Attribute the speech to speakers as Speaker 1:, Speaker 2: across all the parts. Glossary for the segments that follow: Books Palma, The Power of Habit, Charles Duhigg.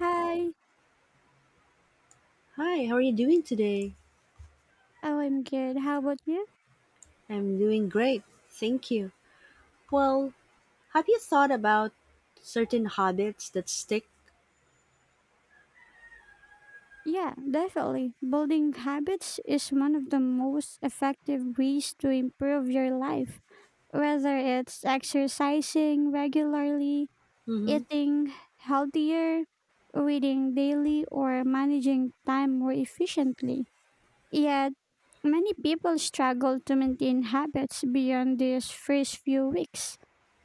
Speaker 1: Hi.
Speaker 2: Hi, how are you doing today?
Speaker 1: Oh, I'm good. How about you?
Speaker 2: I'm doing great, thank you. Well, have you thought about certain habits that stick?
Speaker 1: Yeah, definitely. Building habits is one of the most effective ways to improve your life. Whether it's exercising regularly,
Speaker 2: Mm-hmm.
Speaker 1: eating healthier, reading daily, or managing time more efficiently. Yet, many people struggle to maintain habits beyond these first few weeks.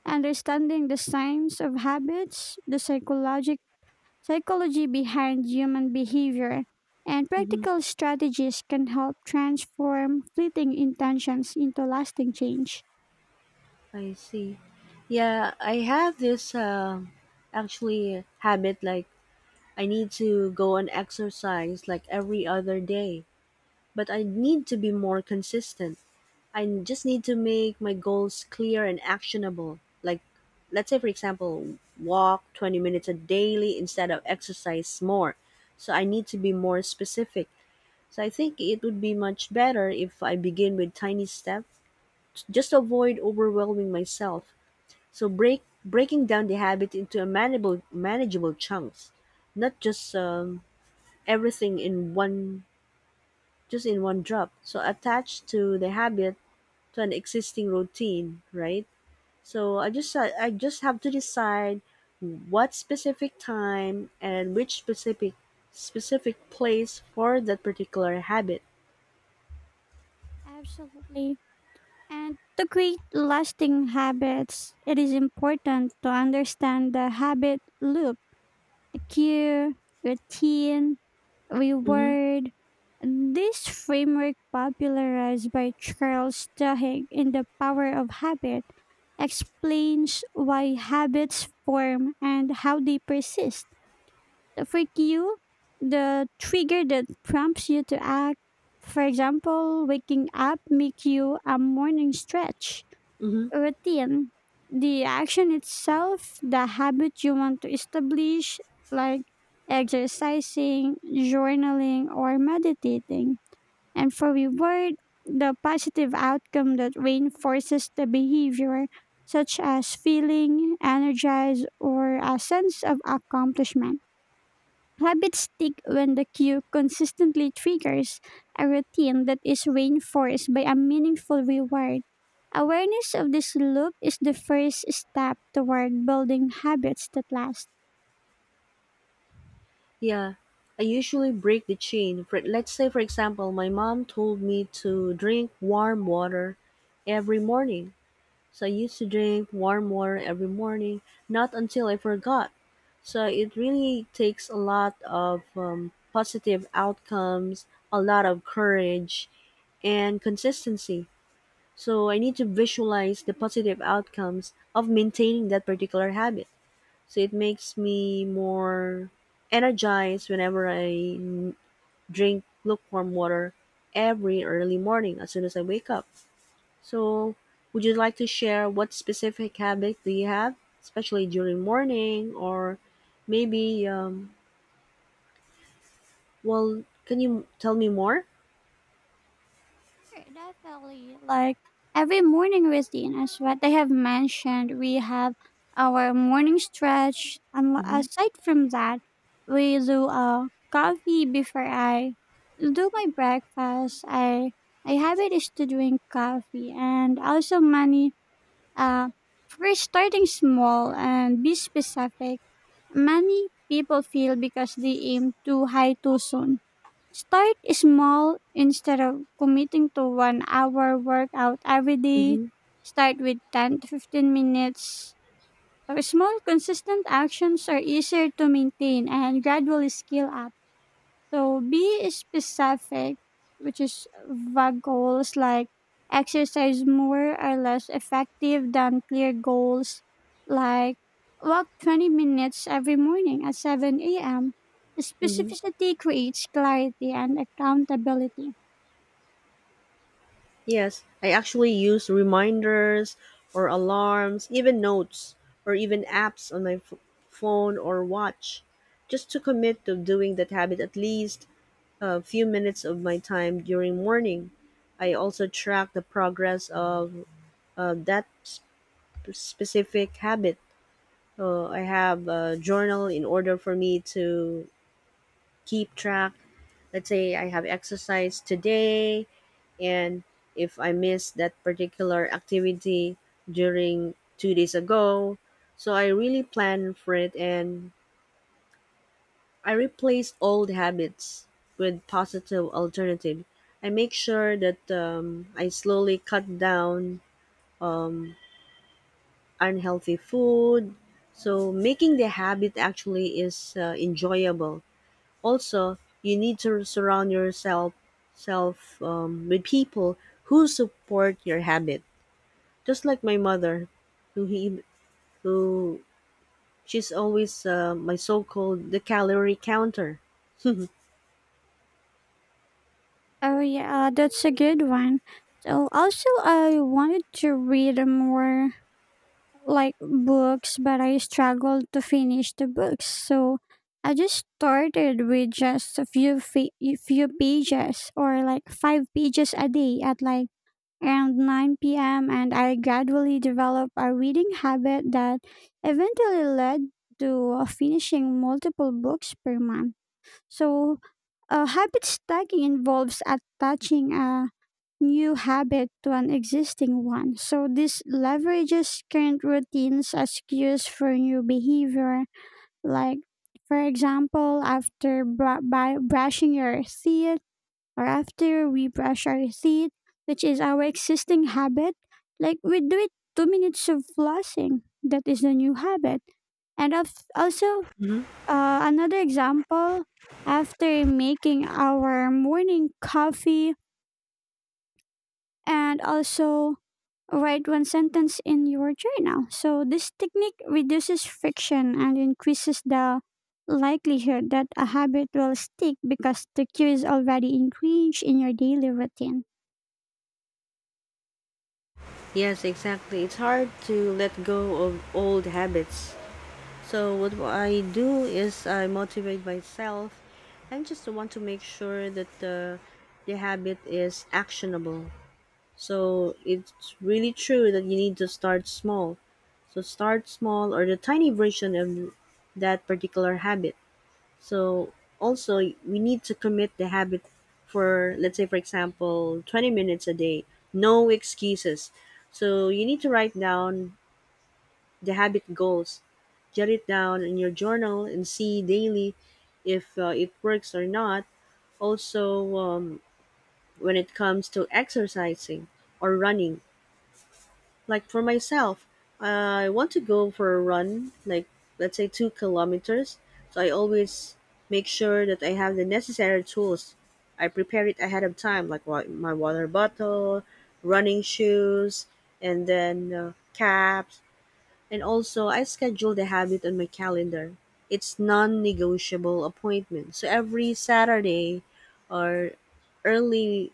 Speaker 1: Understanding the signs of habits, the psychological psychology behind human behavior and
Speaker 2: Mm-hmm.
Speaker 1: practical strategies can help transform fleeting intentions into lasting change.
Speaker 2: I see. Yeah, I have this actually habit like I need to go and exercise like every other day, but I need to be more consistent. I just need to make my goals clear and actionable. Like, let's say, for example, walk 20 minutes a daily instead of exercise more. So I need to be more specific. So I think it would be much better if I begin with tiny steps, just to avoid overwhelming myself. So breaking down the habit into a manageable chunks, not just everything in one just in one drop. So attached to the habit to an existing routine, right? So I just have to decide what specific time and which specific place for that particular habit.
Speaker 1: Absolutely. And to create lasting habits, it is important to understand the habit loop: a cue, routine,
Speaker 2: Mhm.
Speaker 1: reward. This framework, popularized by Charles Duhigg in The Power of Habit, explains why habits form and how they persist. For you, the trigger that prompts you to act, for example, waking up, make you a morning stretch
Speaker 2: Mhm.
Speaker 1: routine, the action itself, the habit you want to establish, like exercising, journaling, or meditating. And for reward, the positive outcome that reinforces the behavior, such as feeling energized or a sense of accomplishment. Habits stick when the cue consistently triggers a routine that is reinforced by a meaningful reward. Awareness of this loop is the first step toward building habits that last.
Speaker 2: Yeah. I usually break the chain. For let's say for example, my mom told me to drink warm water every morning. So I used to drink warm water every morning, not until I forgot. So it really takes a lot of positive outcomes, a lot of courage, and consistency. So I need to visualize the positive outcomes of maintaining that particular habit. So it makes me more energized whenever n- drink lukewarm water every early morning as soon as I wake up. So would you like to share what specific habit do you have, especially during morning or maybe, can you tell me more?
Speaker 1: Sure, definitely. Like every morning routine as what they have mentioned. We have our morning stretch, and
Speaker 2: Mm-hmm.
Speaker 1: aside from that, we do a coffee before I do my breakfast. I my habit is to drink coffee, and also many. Uh, for starting small and be specific, many people feel because they aim too high too soon. Start small instead of committing to 1 hour workout every day.
Speaker 2: Mm-hmm.
Speaker 1: Start with 10 to 15 minutes. Small, consistent actions are easier to maintain and gradually scale up. So be specific, which is vague goals like exercise more are less effective than clear goals like walk 20 minutes every morning at 7 a.m.
Speaker 2: Mm-hmm.
Speaker 1: Specificity creates clarity and accountability.
Speaker 2: Yes, I actually use reminders or alarms, even notes, or even apps on my phone or watch, just to commit to doing that habit at least a few minutes of my time during morning. I also track the progress of that specific habit. I have a journal in order for me to keep track. Let's say I have exercise today, and if I missed that particular activity during 2 days ago. So I really plan for it and I replace old habits with positive alternative. I make sure that I slowly cut down um, unhealthy food. So making the habit actually is enjoyable. Also, you need to surround yourself self with people who support your habit. Just like my mother, who he who she's always my so-called the calorie counter. hmm.
Speaker 1: Oh yeah, that's a good one. So also I wanted to read more like books, but I struggled to finish the books. So I just started with just a few a few pages or like five pages a day at like around 9 p.m. and I gradually developed a reading habit that eventually led to finishing multiple books per month. So, habit stacking involves attaching a new habit to an existing one. So this leverages current routines as cues for new behavior. Like, for example, after br- by brushing your teeth or after we brush our teeth, which is our existing habit, like we do it 2 minutes of flossing. That is a new habit. And of, also, another example, after making our morning coffee and also write one sentence in your journal. So this technique reduces friction and increases the likelihood that a habit will stick because the cue is already ingrained in your daily routine.
Speaker 2: Yes, exactly. It's hard to let go of old habits. So what I do is I motivate myself and just want to make sure that the habit is actionable. So it's really true that you need to start small. So start small or the tiny version of that particular habit. So also we need to commit the habit for let's say for example 20 minutes a day, no excuses. So you need to write down the habit goals. Jot it down in your journal and see daily if it works or not. Also when it comes to exercising or running, like for myself, I want to go for a run, like let's say 2 kilometers. So I always make sure that I have the necessary tools. I prepare it ahead of time, like my water bottle, running shoes, and then caps. And also, I schedule the habit on my calendar. It's non-negotiable appointment. So every Saturday or early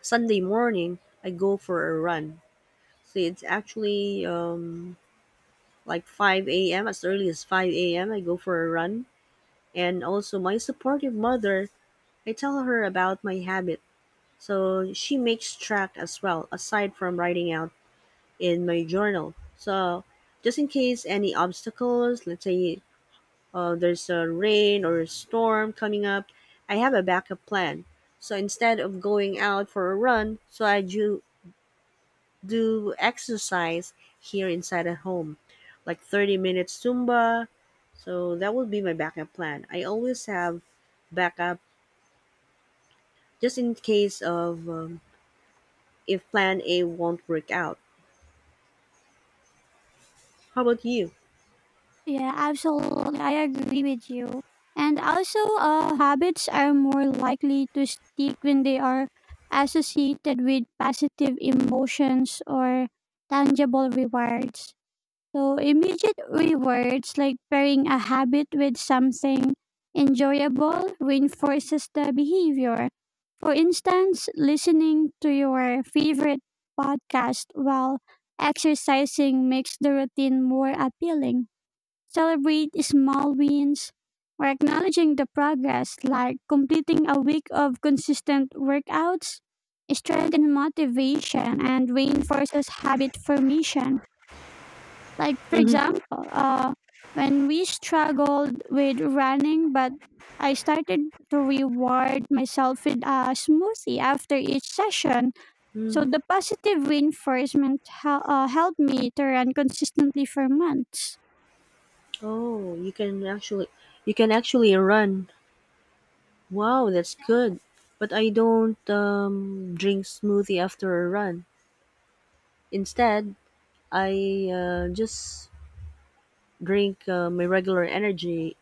Speaker 2: Sunday morning, I go for a run. So it's actually like 5 a.m., as early as 5 a.m. I go for a run. And also, my supportive mother, I tell her about my habit. So she makes track as well, aside from writing out in my journal. So, just in case any obstacles, let's say there's a rain or a storm coming up, I have a backup plan. So instead of going out for a run, so I do exercise here inside at home, like 30 minutes Zumba. So that would be my backup plan. I always have backup just in case of if plan A won't work out. How about you?
Speaker 1: Yeah, absolutely. I agree with you. And also, habits are more likely to stick when they are associated with positive emotions or tangible rewards. So immediate rewards like pairing a habit with something enjoyable reinforces the behavior. For instance, listening to your favorite podcast while exercising makes the routine more appealing. Celebrate small wins or acknowledging the progress like completing a week of consistent workouts strengthens motivation and reinforces habit formation. Like, for
Speaker 2: hmm.
Speaker 1: example, uh, when we struggled with running, but I started to reward myself with a smoothie after each session. So
Speaker 2: hmm.
Speaker 1: the positive reinforcement helped me to run consistently for months.
Speaker 2: Oh, you can actually run. Wow, that's good. But I don't drink smoothie after a run. Instead, I just drink my regular energy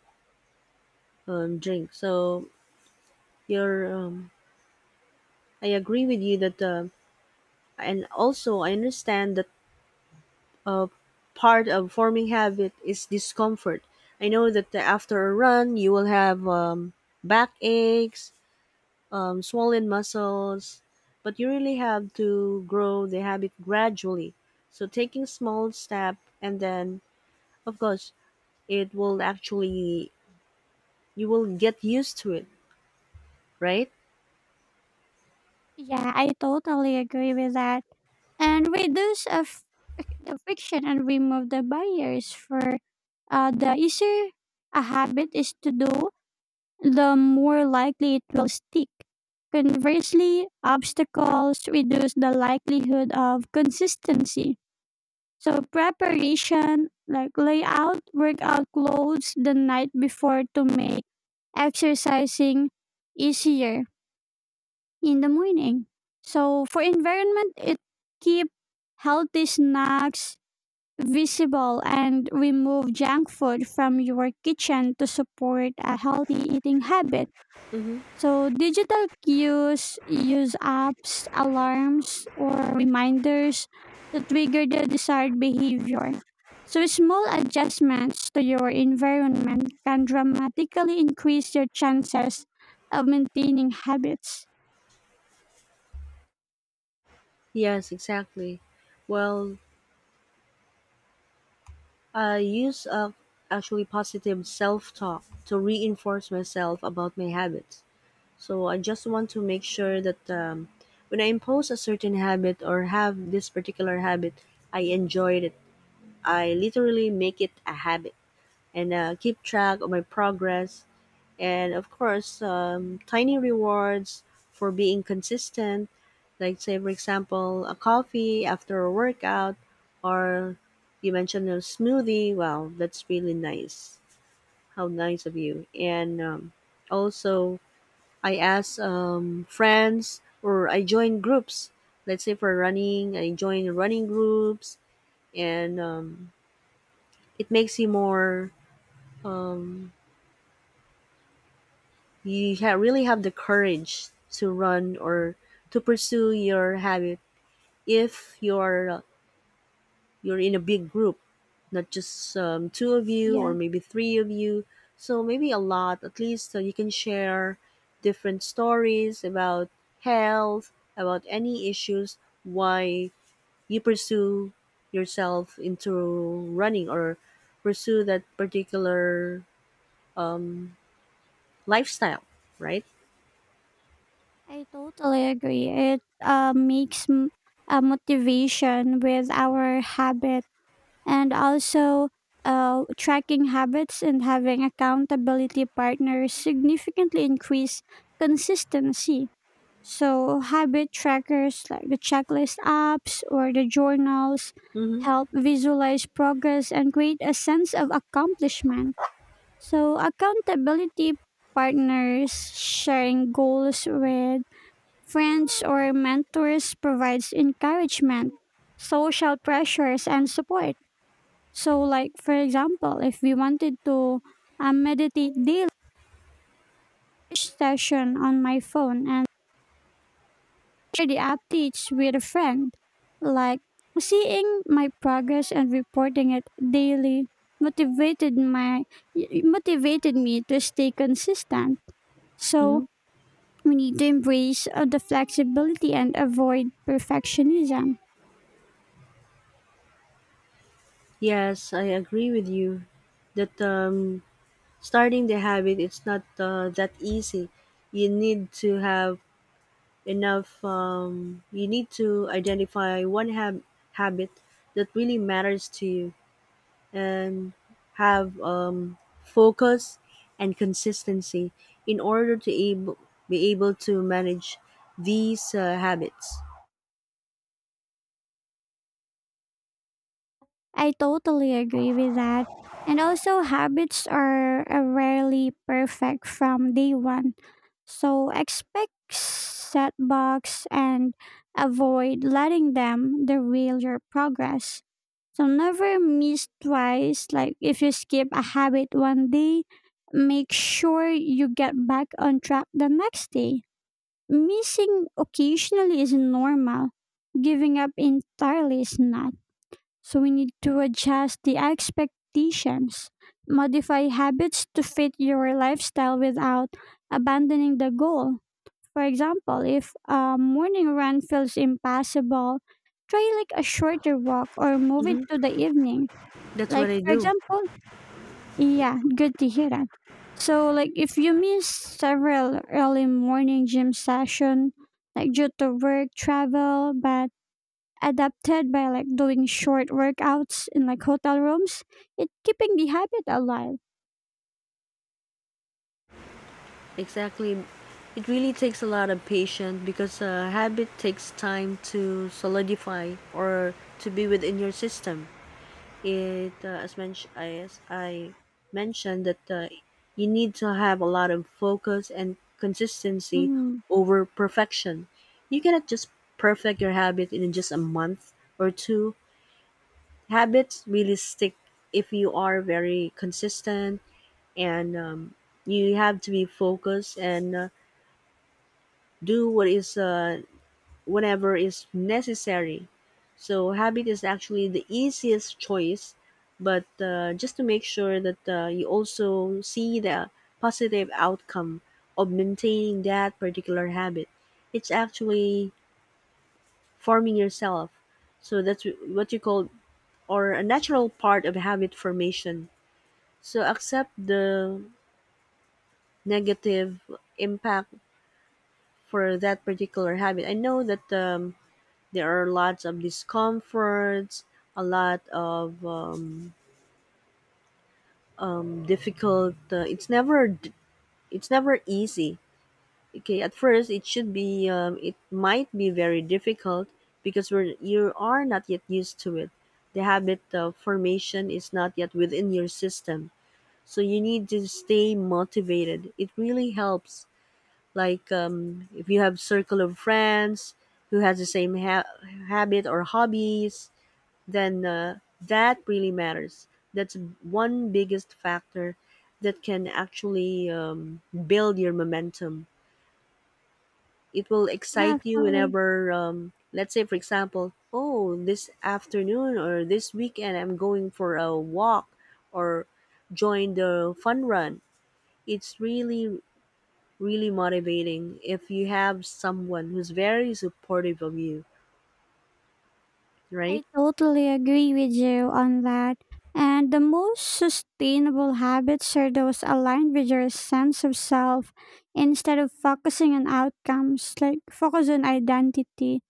Speaker 2: drink. So you're, um, I agree with you that, and also I understand that uh, part of forming habit is discomfort. I know that after a run you will have backaches, swollen muscles, but you really have to grow the habit gradually. So taking small step and then, of course, it will actually you will get used to it, right?
Speaker 1: Yeah, I totally agree with that. And reduce the friction and remove the barriers for the easier a habit is to do the more likely it will stick. Conversely, obstacles reduce the likelihood of consistency. So, preparation, like layout, workout clothes the night before to make exercising easier in the morning. So, for environment, it keep healthy snacks visible and remove junk food from your kitchen to support a healthy eating habit.
Speaker 2: Mm-hmm.
Speaker 1: So digital cues use apps, alarms, or reminders to trigger the desired behavior. So small adjustments to your environment can dramatically increase your chances of maintaining habits.
Speaker 2: Yes, exactly. Well, I use of actually positive self talk to reinforce myself about my habits. So I just want to make sure that when I impose a certain habit or have this particular habit, I enjoyed it. I literally make it a habit and keep track of my progress and of course, tiny rewards for being consistent, like say for example a coffee after a workout, or you mentioned a smoothie. Wow, that's really nice. How nice of you. And also I ask friends, or I join groups. Let's say for running, I join running groups. And it makes you more um, you really have the courage to run or to pursue your habit if you're you're in a big group, not just two of you or
Speaker 1: Yeah,
Speaker 2: maybe three of you, so maybe a lot at least, so you can share different stories about health, about any issues why you pursue yourself into running or pursue that particular um, lifestyle, right?
Speaker 1: I totally agree. It makes a motivation with our habits. And also tracking habits and having accountability partners significantly increase consistency. So, habit trackers like the checklist apps or the journals
Speaker 2: Mm-hmm.
Speaker 1: help visualize progress and create a sense of accomplishment. So, accountability partners sharing goals with friends or mentors provides encouragement, social pressures, and support. So, like for example, if we wanted to meditate daily session on my phone and share the updates with a friend, like seeing my progress and reporting it daily motivated my motivated me to stay consistent.
Speaker 2: Mm-hmm.
Speaker 1: So we need to embrace the flexibility and avoid perfectionism.
Speaker 2: Yes, I agree with you that starting the habit it's not that easy. You need to have enough. You need to identify one habit that really matters to you and have focus and consistency in order to able be able to manage these habits.
Speaker 1: I totally agree with that. And also, habits are rarely perfect from day one. So expect setbacks and avoid letting them derail your progress. So never miss twice. Like if you skip a habit one day, make sure you get back on track the next day. Missing occasionally is normal. Giving up entirely is not. So we need to adjust the expectations, modify habits to fit your lifestyle without abandoning the goal. For example, if a morning run feels impossible, try like a shorter walk or move it
Speaker 2: hmm.
Speaker 1: to the evening.
Speaker 2: That's
Speaker 1: Like
Speaker 2: what I
Speaker 1: for
Speaker 2: do.
Speaker 1: example, yeah, good to hear that. So like if you miss several early morning gym session like due to work travel but adapted by like doing short workouts in like hotel rooms. It keeping the habit alive.
Speaker 2: Exactly. It really takes a lot of patience because a habit takes time to solidify or to be within your system. It, as I mentioned, that you need to have a lot of focus and consistency
Speaker 1: Mm-hmm.
Speaker 2: over perfection. You cannot just perfect your habit in just a month or two. Habits really stick if you are very consistent, and you have to be focused and do what is whatever is necessary. So habit is actually the easiest choice, but just to make sure that you also see the positive outcome of maintaining that particular habit, it's actually forming yourself. So that's what you call or a natural part of habit formation. So accept the negative impact for that particular habit. I know that there are lots of discomforts, a lot of difficult. It's never easy. Okay, at first it should be, it might be very difficult because we're you are not yet used to it. The habit of formation is not yet within your system, so you need to stay motivated. It really helps. Like if you have circle of friends who has the same habit or hobbies, then that really matters. That's one biggest factor that can actually build your momentum. It will excite you
Speaker 1: Definitely.
Speaker 2: whenever, let's say, for example, oh, this afternoon or this weekend I'm going for a walk or join the fun run. It's really, really motivating if you have someone who's very supportive of you, right?
Speaker 1: I totally agree with you on that. And the most sustainable habits are those aligned with your sense of self instead of focusing on outcomes, like focus on identity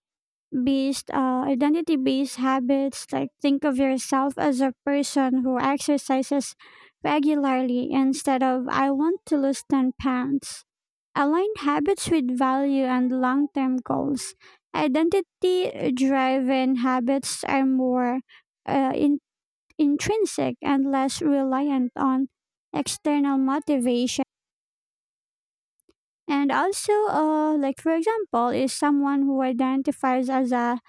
Speaker 1: based uh, identity based habits like think of yourself as a person who exercises regularly instead of I want to lose 10 pounds align habits with value and long term goals identity driven habits are more uh, in- intrinsic and less reliant on external motivation and also, like for example, is someone who identifies as a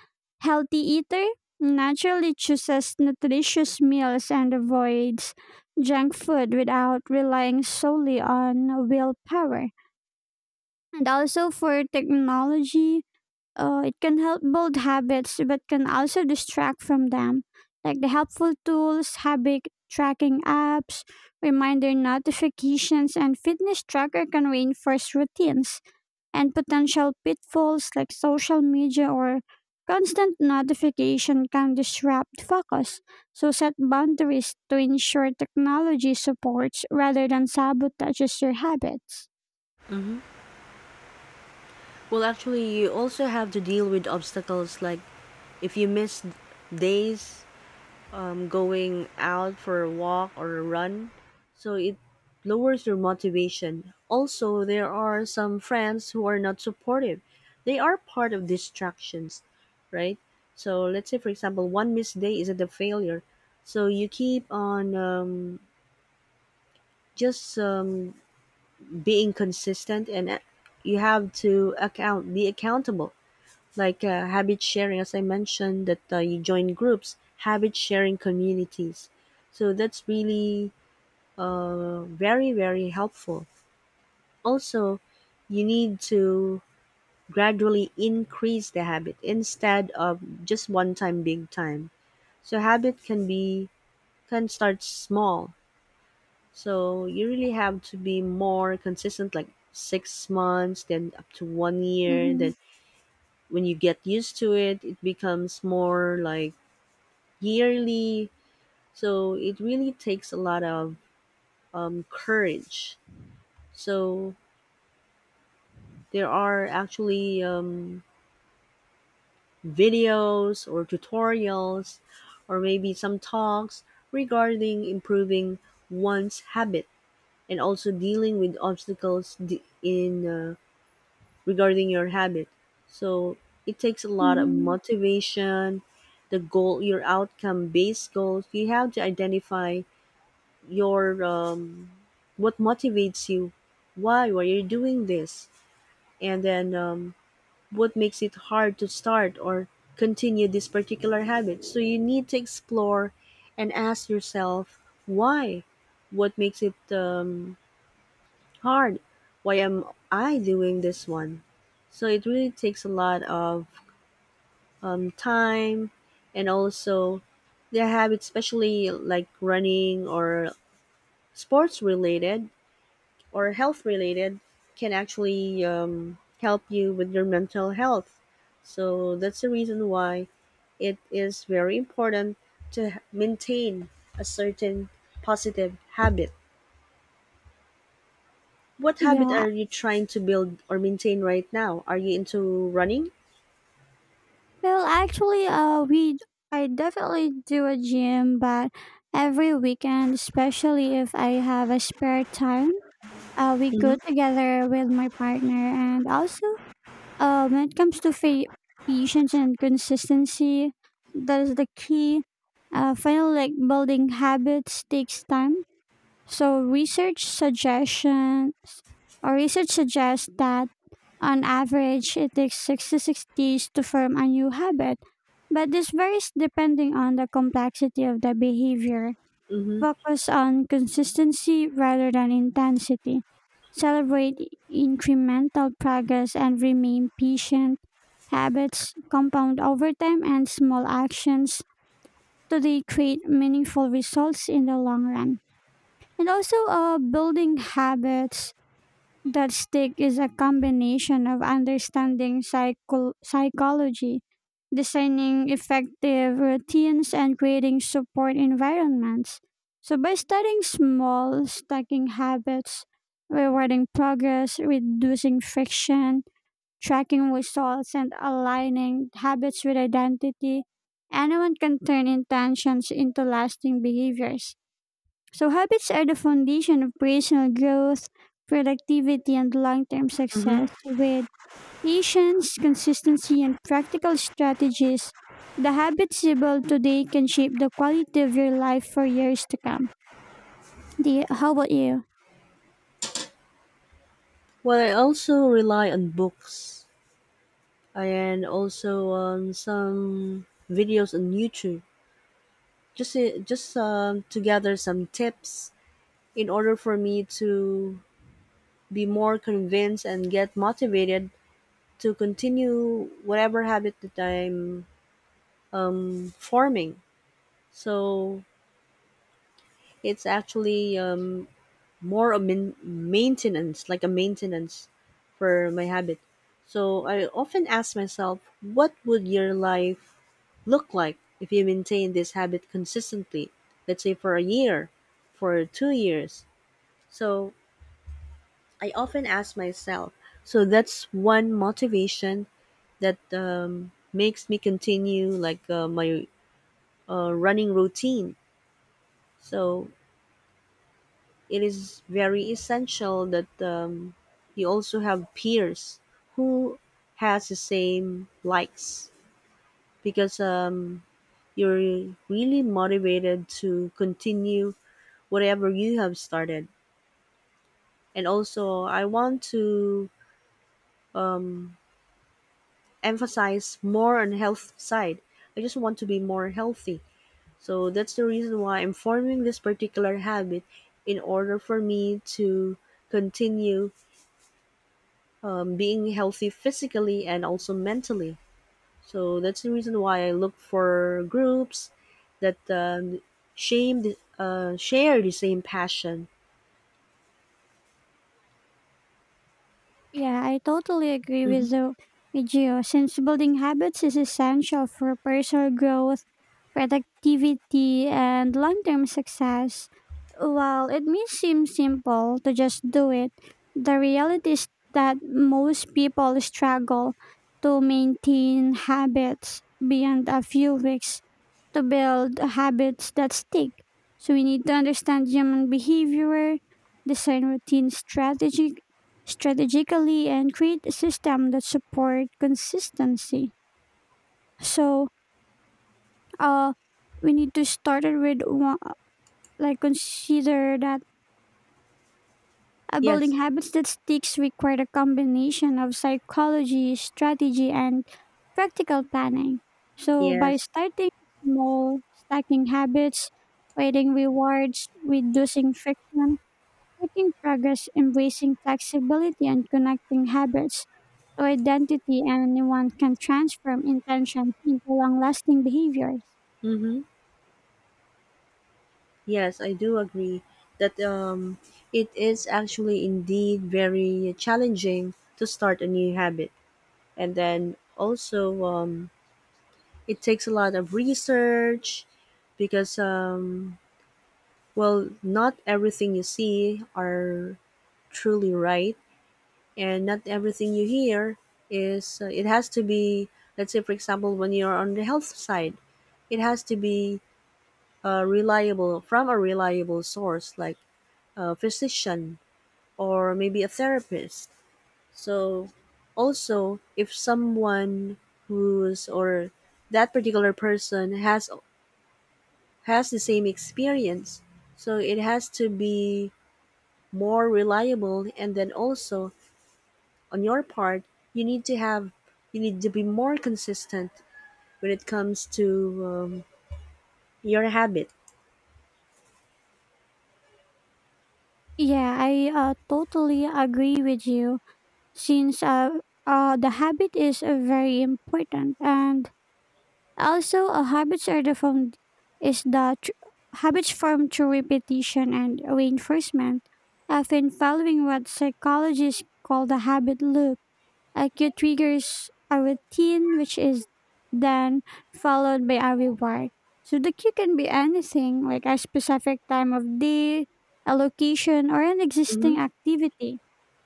Speaker 1: healthy eater naturally chooses nutritious meals and avoids junk food without relying solely on willpower. And also for technology, it can help build habits but can also distract from them. Like the helpful tools, habit tracking apps, reminder notifications, and fitness tracker can reinforce routines and potential pitfalls like social media or constant notification can disrupt focus. So set boundaries to ensure technology supports rather than sabotages your habits.
Speaker 2: Well, actually, you also have to deal with obstacles like: if you miss days going out for a walk or a run, so it lowers your motivation. Also, there are some friends who are not supportive. They are part of distractions, right? So let's say, for example, one missed day isn't a failure. So you keep on just being consistent, and you have to be accountable like habit sharing. As I mentioned that you join groups, habit sharing communities, so that's really very very helpful. Also, you need to gradually increase the habit instead of just one time big time. So habit can be can start small, so you really have to be more consistent, like 6 months, then up to 1 year,
Speaker 1: Mm-hmm.
Speaker 2: then when you get used to it it becomes more like yearly. So it really takes a lot of courage. So there are actually videos or tutorials or maybe some talks regarding improving one's habit, and also dealing with obstacles d- in regarding your habit. So it takes a lot of
Speaker 1: Mm-hmm.
Speaker 2: motivation, the goal, your outcome based goals. You have to identify your what motivates you, why are you doing this, and then what makes it hard to start or continue this particular habit, so you need to explore and ask yourself why, what makes it hard, why am I doing this one. So it really takes a lot of time. And also the habit, especially like running or sports related or health related, can actually help you with your mental health. So that's the reason why it is very important to maintain a certain positive habit. What habit
Speaker 1: Yeah.
Speaker 2: are you trying to build or maintain right now? Are you into running?
Speaker 1: Well, actually, we I definitely do a gym, but every weekend, especially if I have a spare time, we go
Speaker 2: Mm-hmm.
Speaker 1: together with my partner, and also when it comes to patience and consistency, that is the key. Final, like building habits takes time. So research suggestions or research suggests that on average it takes 6 to 6 days to form a new habit. But this varies depending on the complexity of the behavior.
Speaker 2: Mm-hmm.
Speaker 1: Focus on consistency rather than intensity. Celebrate incremental progress and remain patient. Habits compound over time and small actions so create meaningful results in the long run. And also building habits that stick is a combination of understanding psychology, designing effective routines, and creating support environments. So, by studying small stacking habits, rewarding progress, reducing friction, tracking results, and aligning habits with identity, anyone can turn intentions into lasting behaviors. So, habits are the foundation of personal growth, productivity, and long term
Speaker 2: Mm-hmm.
Speaker 1: success. With patience, consistency, and practical strategies, the habits you build today can shape the quality of your life for years to come. How about you?
Speaker 2: Well, I also rely on books and also on some videos on YouTube just to gather some tips in order for me to be more convinced and get motivated to continue whatever habit that I'm forming. So it's actually more a maintenance, like a maintenance for my habit. So I often ask myself, what would your life look like if you maintain this habit consistently? Let's say for a year, for 2 years. So I often ask myself. So that's one motivation that makes me continue like my running routine. So it is very essential that you also have peers who has the same likes because you're really motivated to continue whatever you have started. And also, I want to um, emphasize more on health side. I just want to be more healthy. So that's the reason why I'm forming this particular habit in order for me to continue being healthy physically and also mentally. So that's the reason why I look for groups that shame share the same passion.
Speaker 1: Yeah, I totally agree
Speaker 2: hmm.
Speaker 1: with you, Since building habits is essential for personal growth, productivity, and long-term success, while it may seem simple to just do it, the reality is that most people struggle to maintain habits beyond a few weeks to build habits that stick. So we need to understand human behavior, design routines strategic, strategically, and create a system that support consistency. So uh, we need to start it with one, like consider that building
Speaker 2: Yes,
Speaker 1: habits that sticks require a combination of psychology, strategy, and practical planning. So by
Speaker 2: yes.
Speaker 1: starting small, stacking habits, creating rewards, reducing friction, making progress, embracing flexibility, and connecting habits to identity, anyone can transform intentions into long-lasting behaviors.
Speaker 2: hmm. Yes, I do agree that it is actually indeed very challenging to start a new habit. And then also, it takes a lot of research because, well, not everything you see are truly right, and not everything you hear is, it has to be, let's say, for example, when you're on the health side, it has to be reliable, from a reliable source like a physician or maybe a therapist. So also if someone who's or that particular person has the same experience, so it has to be more reliable. And then also on your part you need to have you need to be more consistent when it comes to your habit.
Speaker 1: Yeah, I totally agree with you since the habit is very important and also habits are the found is the tr- habits formed through repetition and reinforcement often following what psychologists call the habit loop. Acute triggers a routine, which is then followed by a reward. So the cue can be anything, like a specific time of day, a location, or an
Speaker 2: Mm-hmm.
Speaker 1: existing activity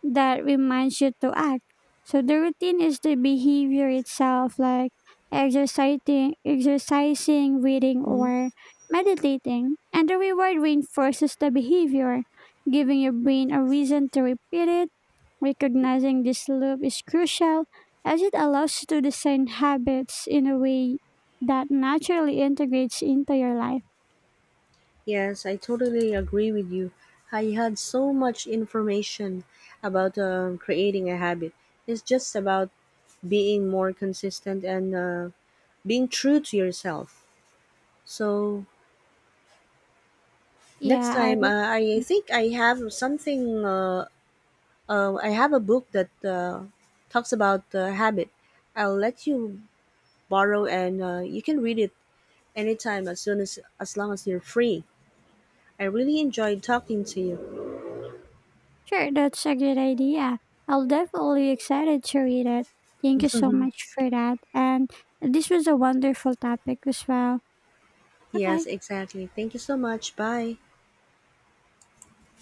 Speaker 1: that reminds you to act. So the routine is the behavior itself, like exercising, reading,
Speaker 2: Mm-hmm.
Speaker 1: or meditating. And the reward reinforces the behavior, giving your brain a reason to repeat it. Recognizing this loop is crucial as it allows you to design habits in a way that naturally integrates into your life.
Speaker 2: Yes, I totally agree with you. I had so much information about creating a habit. It's just about being more consistent and being true to yourself. So next
Speaker 1: Yeah,
Speaker 2: time,
Speaker 1: I
Speaker 2: I think I have something. I have a book that talks about habit. I'll let you borrow, and you can read it anytime as soon as long as you're free. I really enjoyed talking to you.
Speaker 1: Sure, that's a good idea. I'll definitely excited to read it. Thank you so much for that. And this was a wonderful topic as well. Bye
Speaker 2: Yes,
Speaker 1: bye.
Speaker 2: exactly. Thank you so much. Bye.